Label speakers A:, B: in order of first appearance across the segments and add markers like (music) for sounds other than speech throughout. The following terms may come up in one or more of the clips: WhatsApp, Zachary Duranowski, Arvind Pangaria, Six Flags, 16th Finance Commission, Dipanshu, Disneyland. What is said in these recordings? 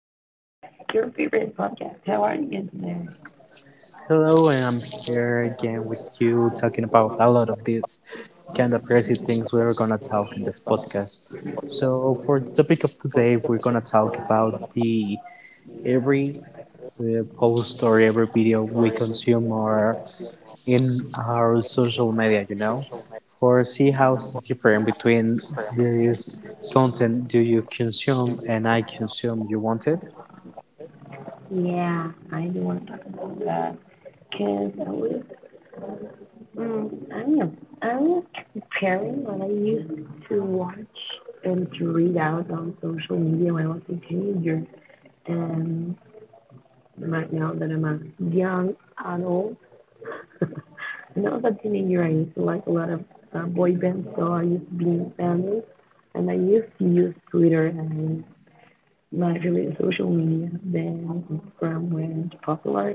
A: Your Favorite Podcast. How are you today?
B: Hello, and I'm here again with you talking about a lot of these kind of crazy things we are gonna talk in this podcast. So, for the topic of today, we're gonna talk about the every post or every video we consume or in our social media, you know, for see how's the difference between this content do you consume and I consume you want it.
A: Yeah, I do want to talk about that because I was, mm, I don't know, I was comparing what I used to watch and to read out on social media when I was a teenager and right now that I'm a young adult. (laughs) Now as a teenager, I used to like a lot of boy bands, so I used to be in bands, and I used to use Twitter and largely social media than Instagram went popular,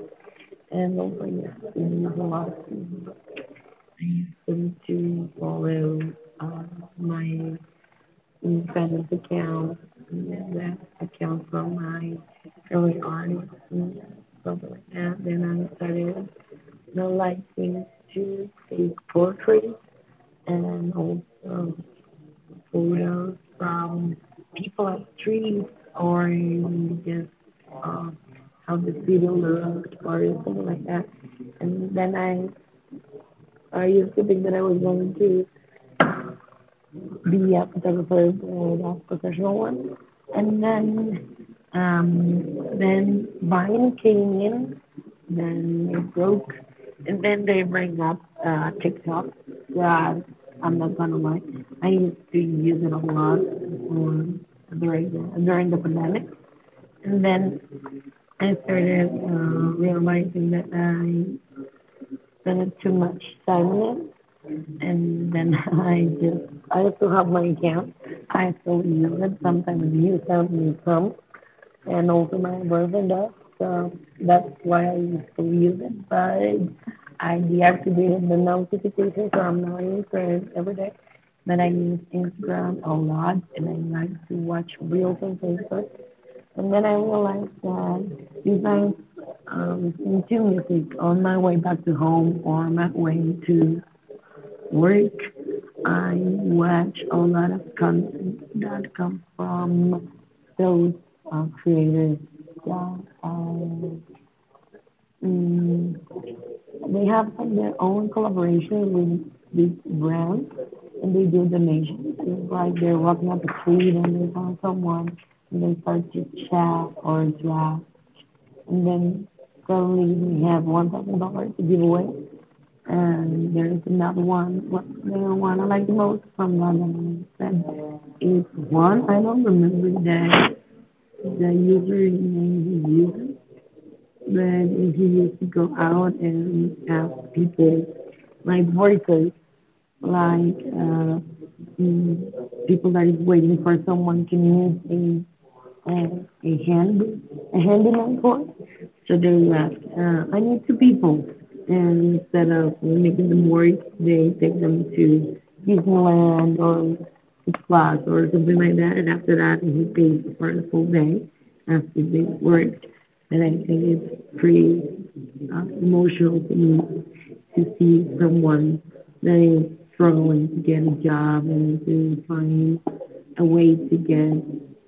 A: and also yes, I used to use a lot of things. I used them to follow uh, my fans account, yeah, that account from my early artists, and something like that. Then I started not liking to take portraits and also photos from people at streets or just uh, how the city looked or something like that. And then I used to think that I was going to be a photographer, a professional one. And um, then Vine came in then they broke, and then they bring up TikTok. Yeah, I'm not gonna lie, I used to use it a lot um, during the pandemic, and then I started realizing that I spent too much time on it, and then (laughs) I just I still have my account. I still use it. Sometimes views help me come, and also my boyfriend does. So that's why I used to use it. But I deactivated the notifications. So I'm not answering every day. But I use Instagram a lot, and I like to watch reels on Facebook. And then I realized that sometimes listen to music on my way back to home or my way to work. I watch a lot of content that comes from those creators that are, mm, they have like their own collaboration with these brands and they do donations. It's like they're walking up the street and they found someone and they start to chat or draft and then suddenly we have $1,000 to give away, and there's another one what the one I like the most from London and is one I don't remember the username is uses then he used to go out and ask people, like workers, like mm, people that is waiting for someone to need a, a hand a handyman for. So they ask, I need two people, and instead of making them work, they take them to Disneyland or Six Flags or something like that, and after that he pays for the full day after they worked. And I think it's pretty emotional thing to see someone that is struggling to get a job and to find a way to get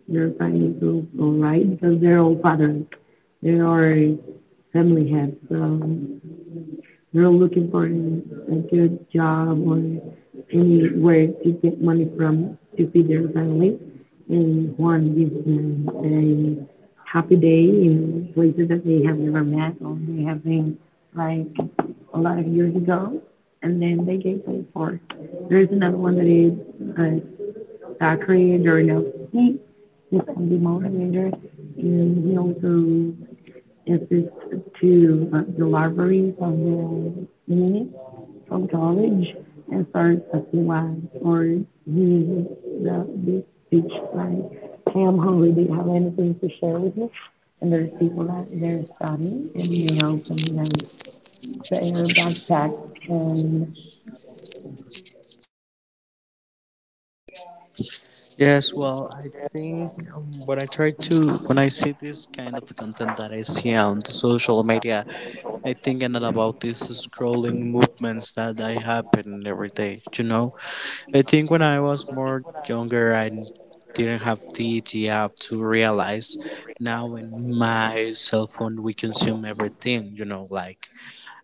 A: their finances all right because they're all fathers, they are family heads, so they're looking for a, good job or anywhere to get money from to feed their family. And Juan gives them a happy day in places that they have never met or they have been like a lot of years ago, and then they gave way for. There is another one that is uh, Zachary Duranowski. He's from the moderator, and he also assists to the libraries of the unit from college and starts a PY or he uses this speech like, hey, I'm hungry. Do you have anything to share with me? And there's people that they're studying and they open them their backpack and.
B: Yes, well, I think when I try to, when I see this kind of content that I see on the social media, I think a lot about these scrolling movements that I happen every day, you know? I think when I was more younger, I didn't have the idea to realize now in my cell phone we consume everything, you know, like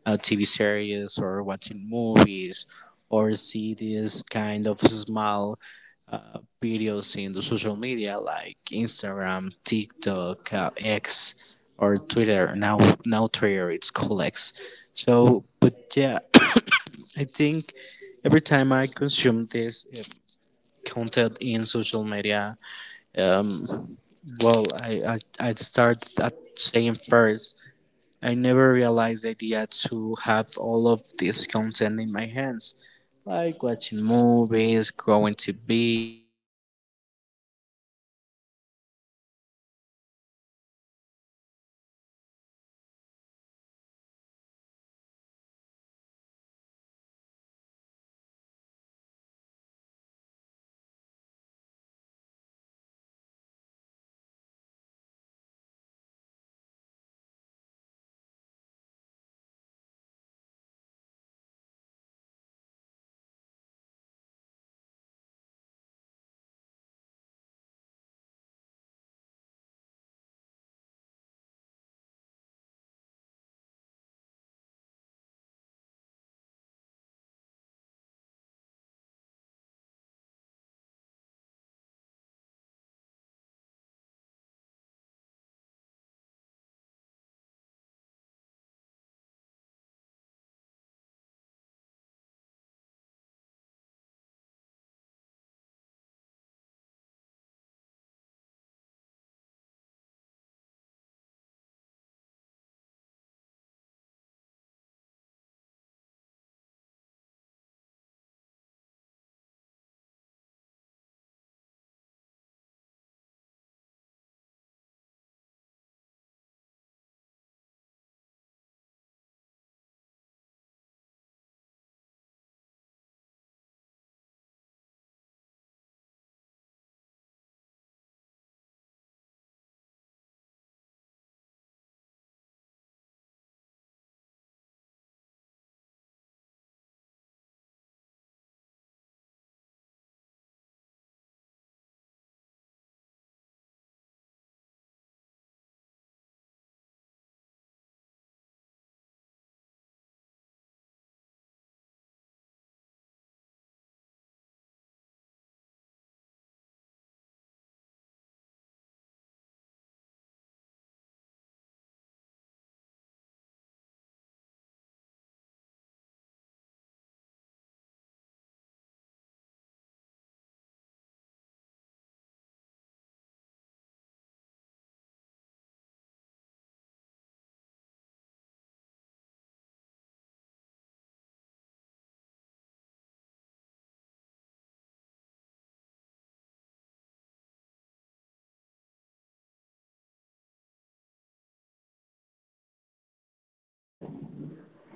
B: TV series or watching movies or see this kind of small videos in the social media like Instagram, TikTok, X, or Twitter. Now, now Twitter, it's called X. So, but yeah, I think every time I consume this content in social media, um, well, I start at saying first, I never realized the idea to have all of this content in my hands like watching movies, growing TV.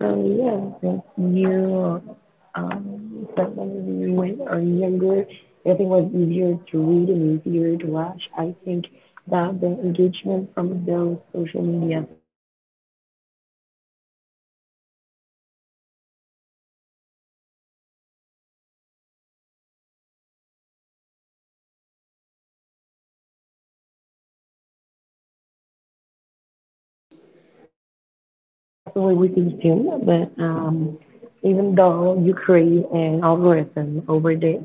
A: So yeah, if you, um, someone when you when- are younger, everything was easier to read and easier to watch. I think that the engagement from those social medias are just like scrolling, infinite scroll, and yeah, it's like you just watch and watch and watch and watch. And I know that whenever you don't like something, you just scroll up or scroll down, I don't know, and maybe have left, left or side right. And that's the way we consume, but even though you create an algorithm over there,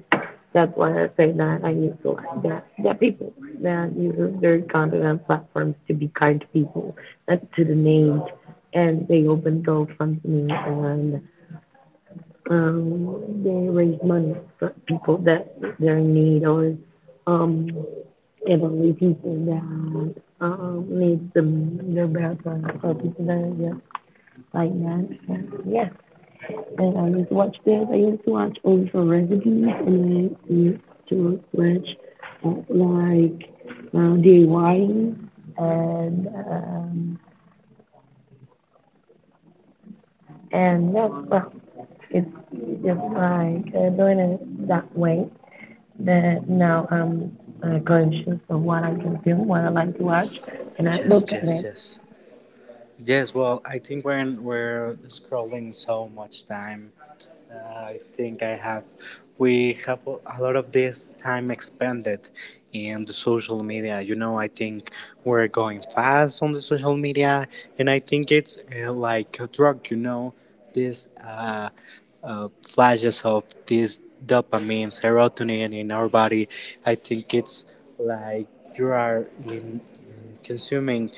A: that's why I say that I need to like that, that people that use their content and platforms to be kind to people, not to the need, and they open gold funds and um, they raise money for people that they're in need or um it will leave people down, leave the, their background for people that are just like that. Yes, and I used to watch this. I used to watch old for recipes, and I used to watch like DIY and um, and that's well, it's just like doing it that way. That now I'm conscious of what I can do, what I like to watch, and I look
B: Yes,
A: at
B: yes,
A: it.
B: yes. Yes, well, I think when we're scrolling so much time, uh, I think we have a lot of this time expended in the social media. You know, I think we're going fast on the social media, and I think it's like a drug, you know, this flashes of this dopamine, serotonin in our body. I think it's like you are in consuming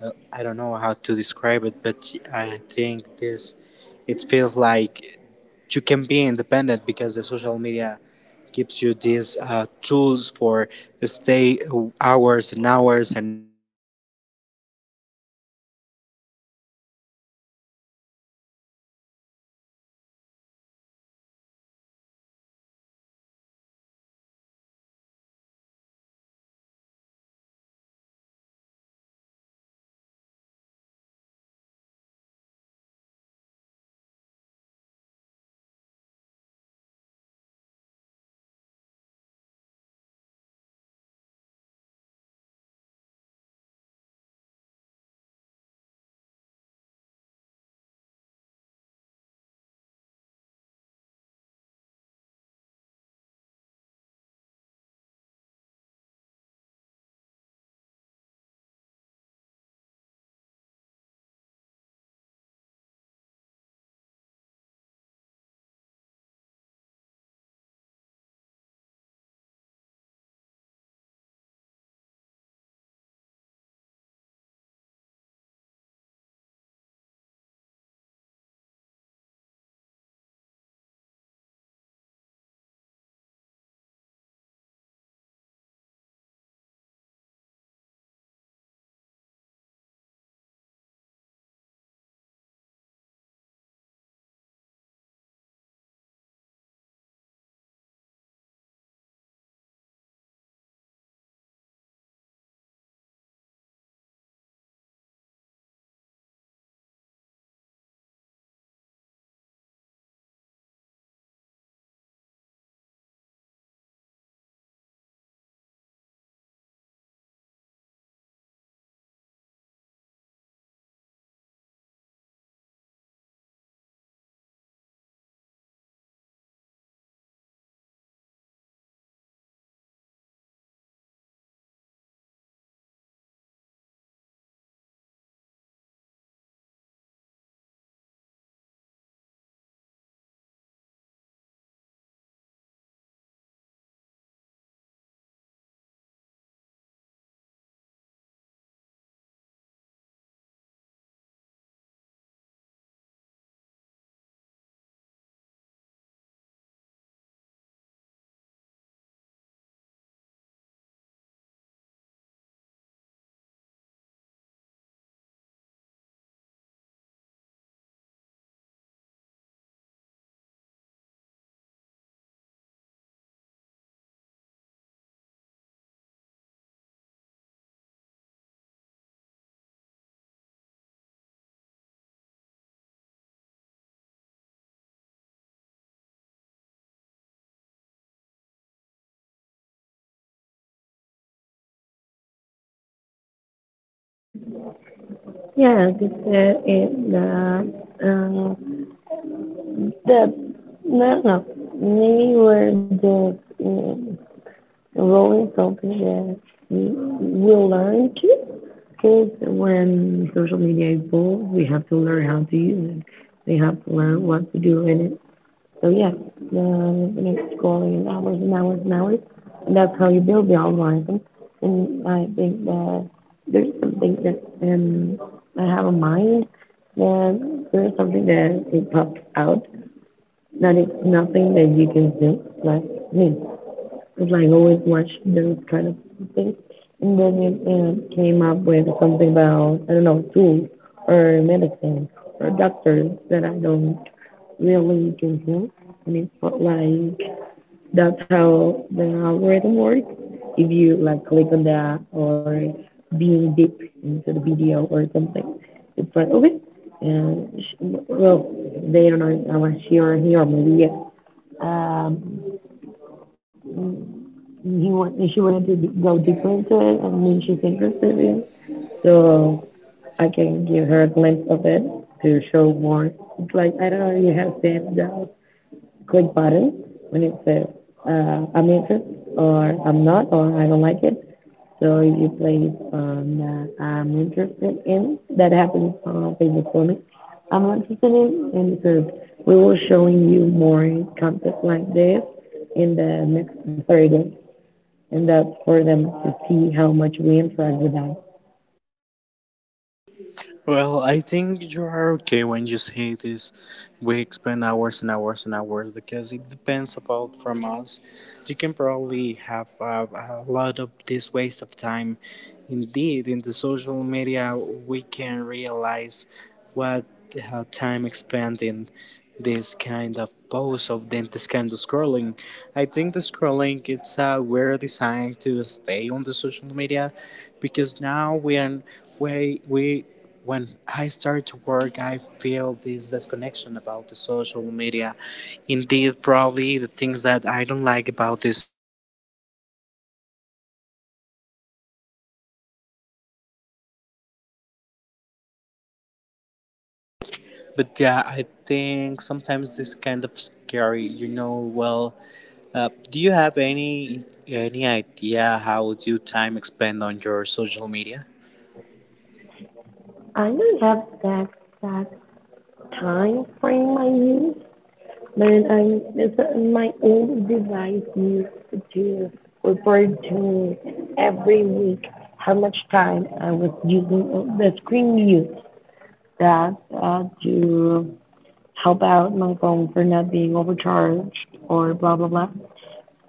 B: I don't know how to describe it, but I think this it feels like you can be independent because the social media gives you these tools for stay hours and hours and
A: Yeah, this is the uh, the no no we were just rolling something that we will learn to because when social media evolves, we have to learn how to use it. We have to learn what to do in it. So yes, the, you know, scrolling hours and hours and hours, and that's how you build the algorithm. And I think that there's something that I have in mind. That there is something that it pops out that it's nothing that you can do. Like me, because I always watch those kind of things. And then it came up with something about I don't know tools or medicine or doctors that I don't really don't know. I mean, but like that's how the algorithm works. If you like click on that or being deep into the video or something, it's like okay. And sh well, they don't know. I was she or he or maybe yes. Um, she wanted to go deeper into it, and then she's interested in it. So I can give her a glimpse of it to show more. It's like I don't know. You have seen that good button when it says I'm interested or I'm not or I don't like it. So if you place on I'm interested in, that happens on Facebook for me. I'm interested in, and because we will showing you more content like this in the next 30, and that's for them to see how much we interact with them.
B: well, I think you are okay when you say this. We spend hours and hours and hours because it depends about from us. You can probably have a lot of this waste of time. Indeed, in the social media, we can realize what time spent in this kind of pose of then this kind of scrolling. I think the scrolling it's a weird design to stay on the social media because now we are we when I started to work, I feel this disconnection about the social media. Indeed, probably the things that I don't like about this. But yeah, I think sometimes this kind of scary. You know, well, do you have any idea how you time expend on your social media?
A: I don't have that exact time frame I use Meron ang nasa my old device used to report to me every week how much time I was using the screen use that to help out my phone for not being overcharged or blah blah blah.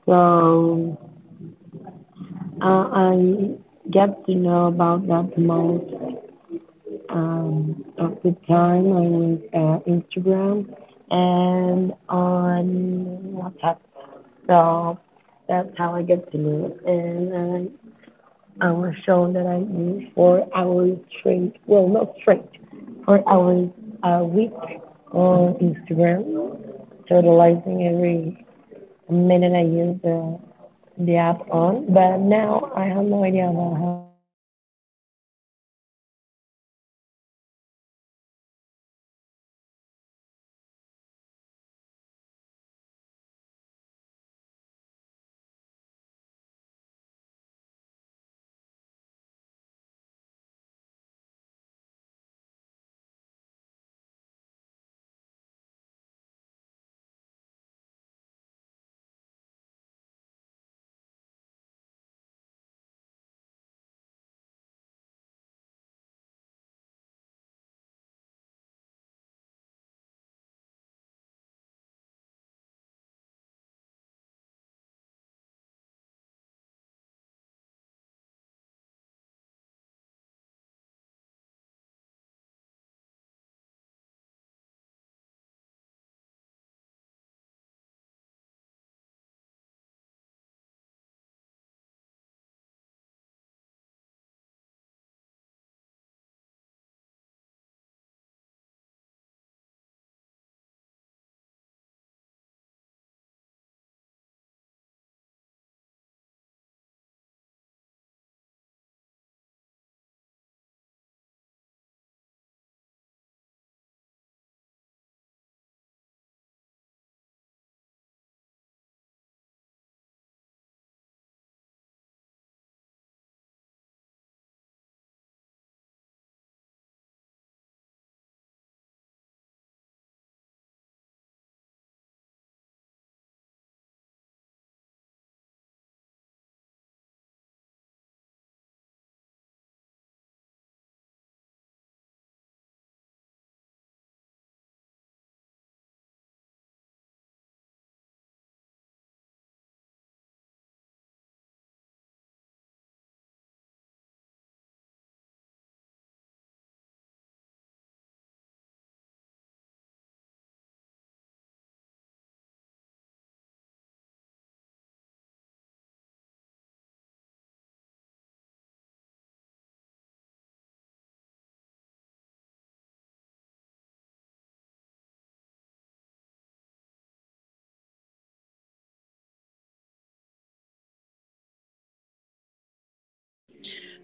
A: So I get to know about that most um, of the time on Instagram and on WhatsApp. So that's how I get to know. And I was shown that I knew 4 hours straight, well, not straight, 4 hours a week on Instagram, totalizing every minute I use the app on. But now I have no idea about how.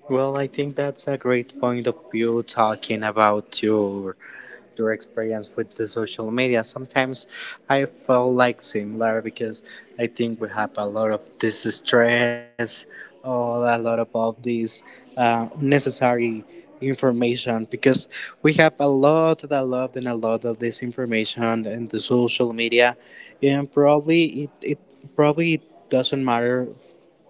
B: Well, I think that's a great point of view talking about your experience with the social media. Sometimes I feel like similar because I think we have a lot of this stress or a lot of this necessary information because we have a lot and a lot of this information in the social media and probably it probably doesn't matter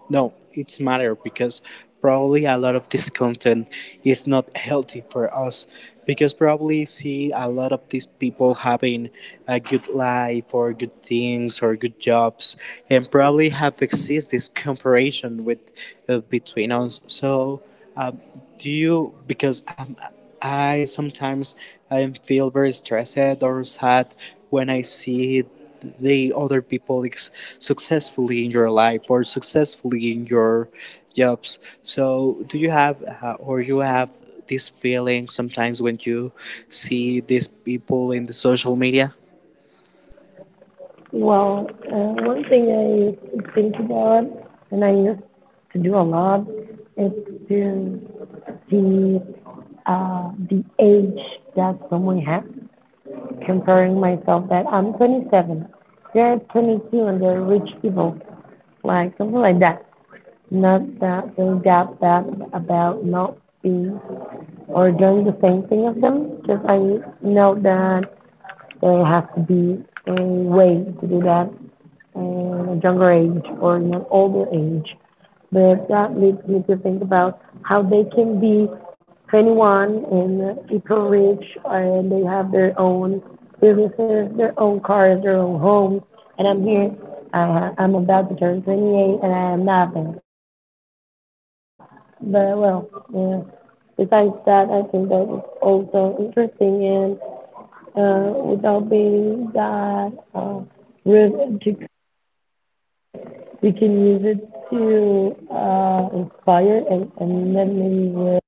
B: no, it's matter because probably a lot of this content is not healthy for us because probably see a lot of these people having a good life or good things or good jobs and probably have exist this comparison with between us. So, um, do you because I sometimes I feel very stressed or sad when I see the other people is successfully in your life or successfully in your jobs so do you have or you have this feeling sometimes when you see these people in the social media.
A: Well, one thing I used to think about, and I used to do a lot, is to see uh, the age that someone has comparing myself that I'm 27, they're 22 and they're rich people, like something like that. Not that they got bad about not being or doing the same thing as them, because I know that there has to be a way to do that in a younger age or in an older age but that leads me to think about how they can be 21 and people rich and they have their own businesses, their own cars, their own homes. And I'm here, I'm about to turn 28 and I have nothing. But well, yeah. Besides that, I think that it's also interesting and without being that rude, we can use it to inspire and let me.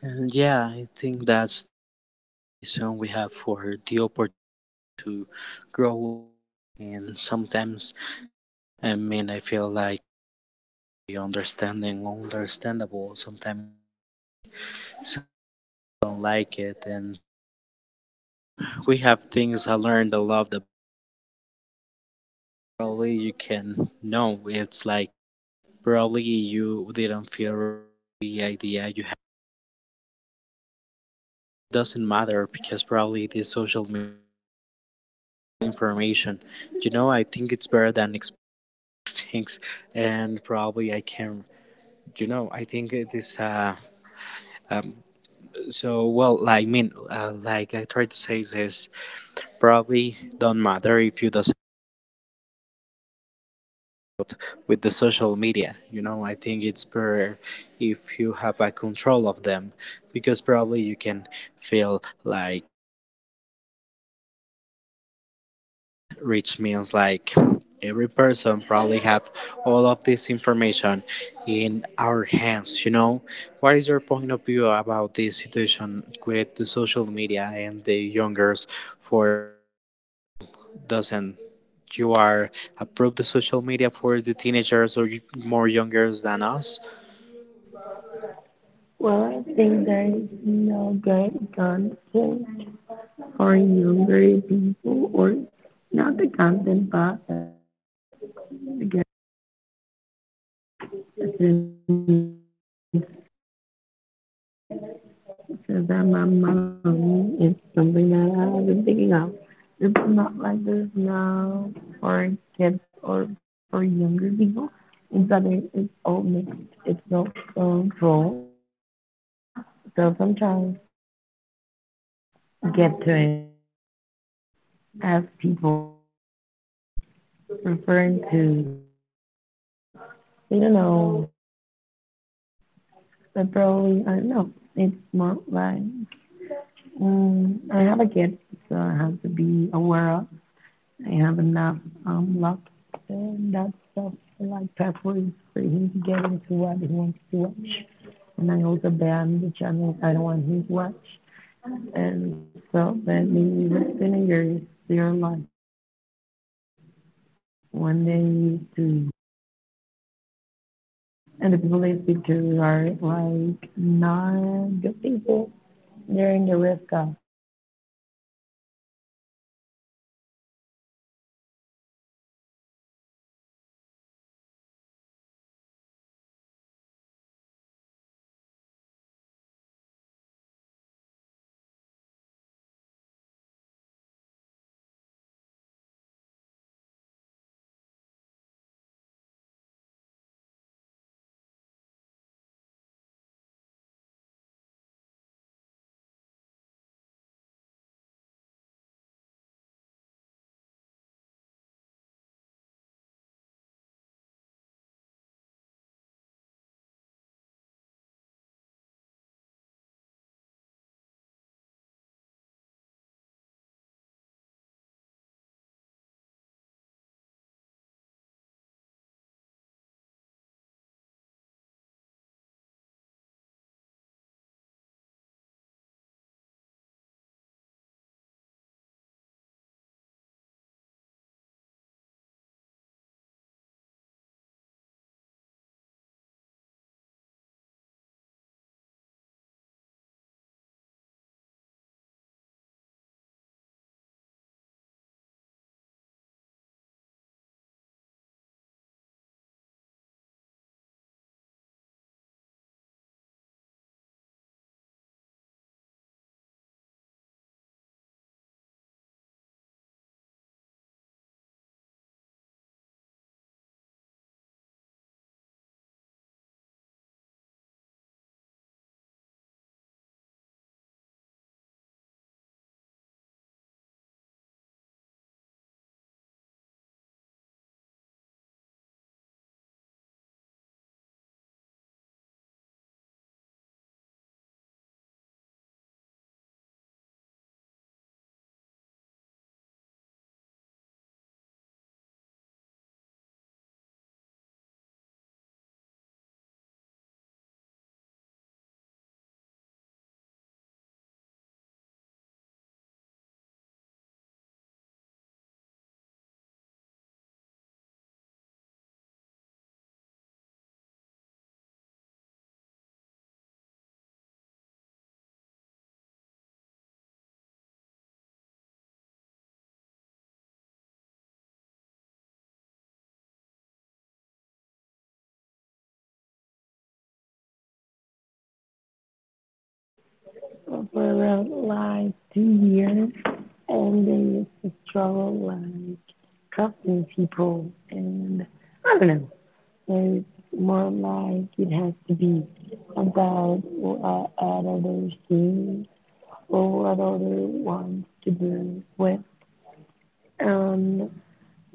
B: And yeah, I think that's the reason we have for the opportunity to grow. And sometimes, I mean, I feel like understandable. Sometimes some don't like it, and we have things I learned a lot. Probably you can. No, it's like probably you didn't feel the idea you had. It doesn't matter because probably this social media information. You know, I think it's better than express (laughs) things, and probably I can. You know, I think it is. Um, so well, I mean, like I try to say this, probably don't matter if you doesn't. With the social media, you know, I think it's better if you have a control of them because probably you can feel like rich means like every person probably have all of this information in our hands, you know. What is your point of view about this situation with the social media and the youngers for doesn't you are approve the social media for the teenagers or more youngers than us?
A: Well, I think there is no good content for younger people, or not the content, but the good since since I'm a mom, it's something that I've been thinking of. It's not like there's no for kids or for younger people. Instead, it's all mixed. It's not controlled. So sometimes get to it as people referring to, you don't know, they probably, I don't know, it's more like. I have a kid, so I have to be aware of. I have enough luck and that stuff like pathways for him to get into what he wants to watch. And I also ban the channels I don't want him to watch. And so that maybe with teenagers they're like when they used to and the people they speak to are like not good people. They're in the risk of for around like 2 years and they used to struggle like trusting people and I don't know. So it's more like it has to be about what others do or what others want to do with. Um,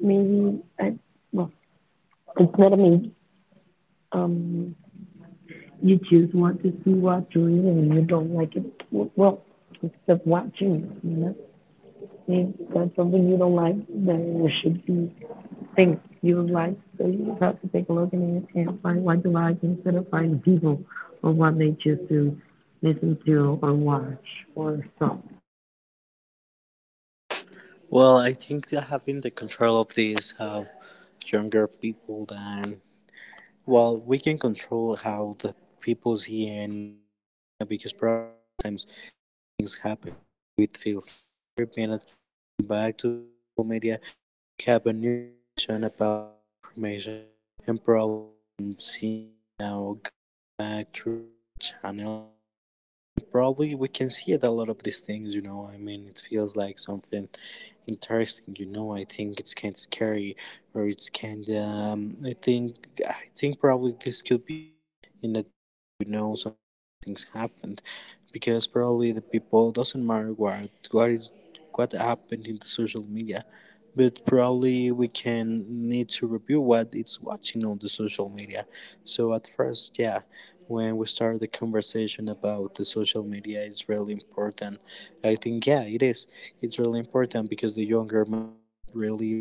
A: maybe I, well, it's not a maybe. Um, you choose what to see, what to read, and you don't like it. Well, except watching. You know, if that's something you don't like, then you should be think you like, so you would have to take a look and find what you like instead of finding people or what they choose to listen to or watch or something.
B: Well, I think that having the control of this help younger people than well, we can control how the people see and yeah, because probably sometimes things happen. It feels every minute going back to social media, we have a new information about information and probably I'm seeing now go back through the channel. Probably we can see it a lot of these things, you know. I mean, it feels like something interesting, you know. I think it's kind of scary, or it's kind of. I think probably this could be in a, you know, some things happened because probably the people doesn't matter what is what happened in the social media but probably we can need to review what it's watching on the social media so at first yeah when we start the conversation about the social media it's really important. I think yeah it is it's really important because the younger men really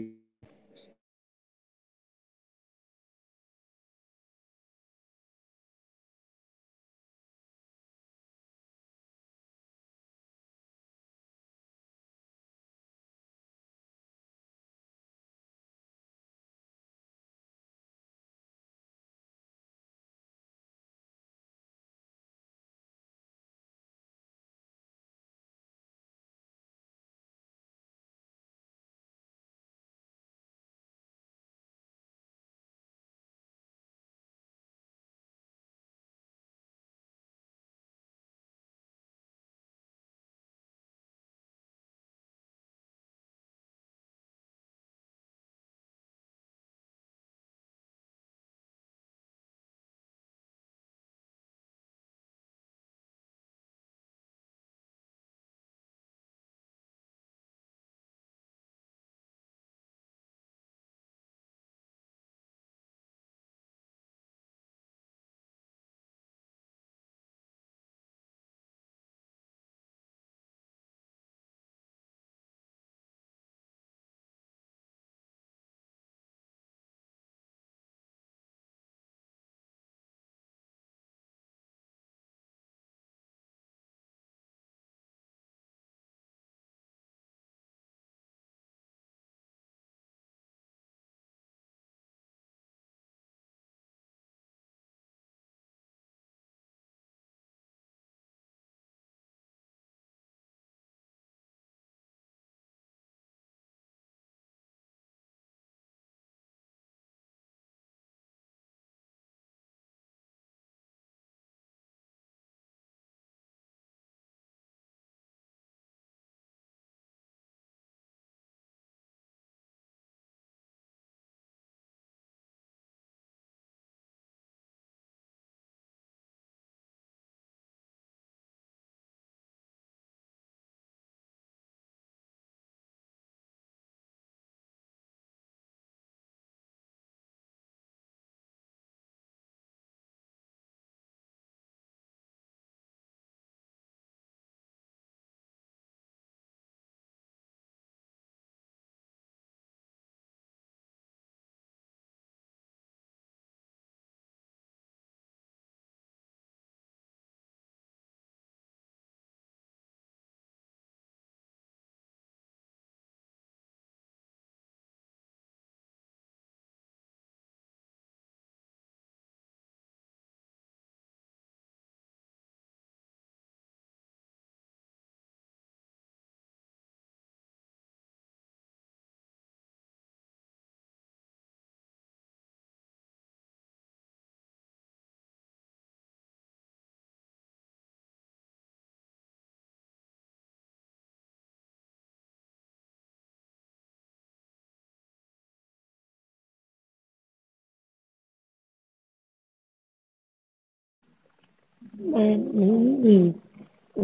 A: And maybe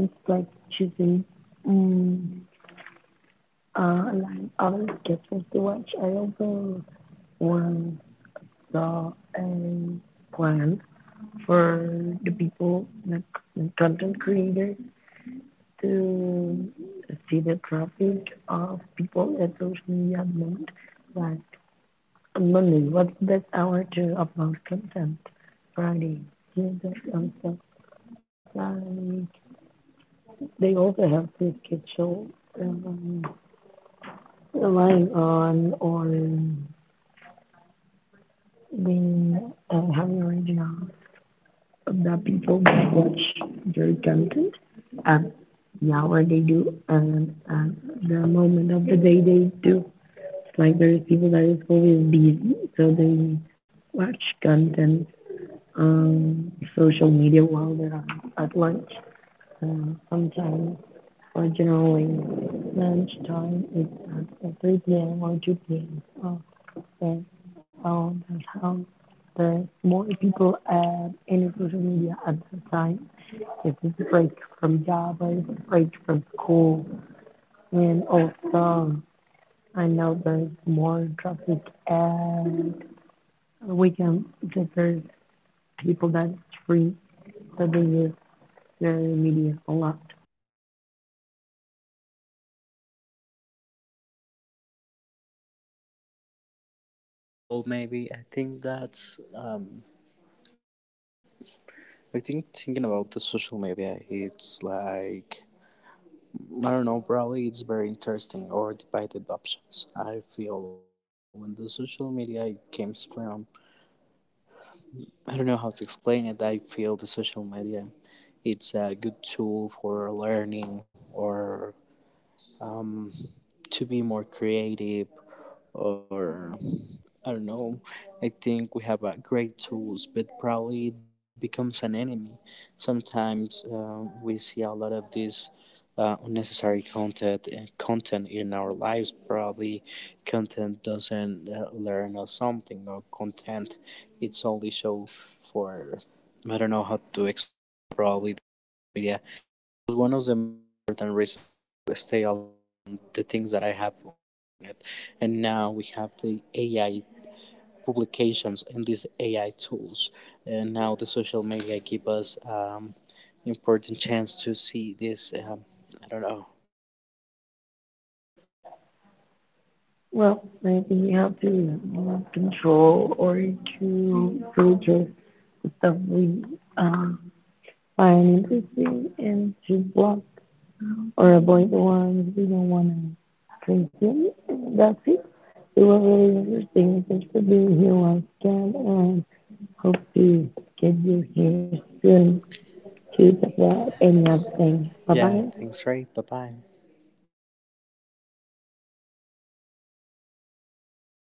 A: it's like choosing um like other sketches to watch. I also want the um plan for the people, like the content creators, to see the traffic of people at social media at moment. Like on Monday, what's the best hour to upload content? Friday, here's that on stuff. Like they also have to schedule um, relying on or being having original the people that watch their content and yeah, where they do and the moment of the day they do like there is people that is always busy, so they watch content on social media while they're at lunch. Sometimes, or generally, lunch time is at 3 p.m. or 2 p.m. Oh, so, oh, that's how there's more people at any social media at that time. It is a break from job, or it's a break from school, and also I know there's more traffic at we can because there's people that's free that they use their media a lot.
B: well maybe I think that's I think thinking about the social media it's like I don't know, probably it's very interesting or debated options. I feel when the social media it comes from, I don't know how to explain it. I feel the social media it's a good tool for learning or to be more creative or I don't know. I think we have great tools, but probably it becomes an enemy. Sometimes we see a lot of this unnecessary content in our lives. Probably content doesn't learn us something, or content it's only show for I don't know how to explain. Probably media was one of the important reasons to stay alone. The things that I have on it, and now we have the AI publications AI tools. And now the social media give us important chance to see this. I don't know.
A: Well, maybe you have to you know, control or to filter the stuff we um, find interesting and to block or avoid the ones we don't want to consume. That's it. It was really interesting. Thanks for being here once again and hope to get you here soon to talk about any other thing. Bye
B: Yeah, I
A: bye.
B: think's right. Bye bye.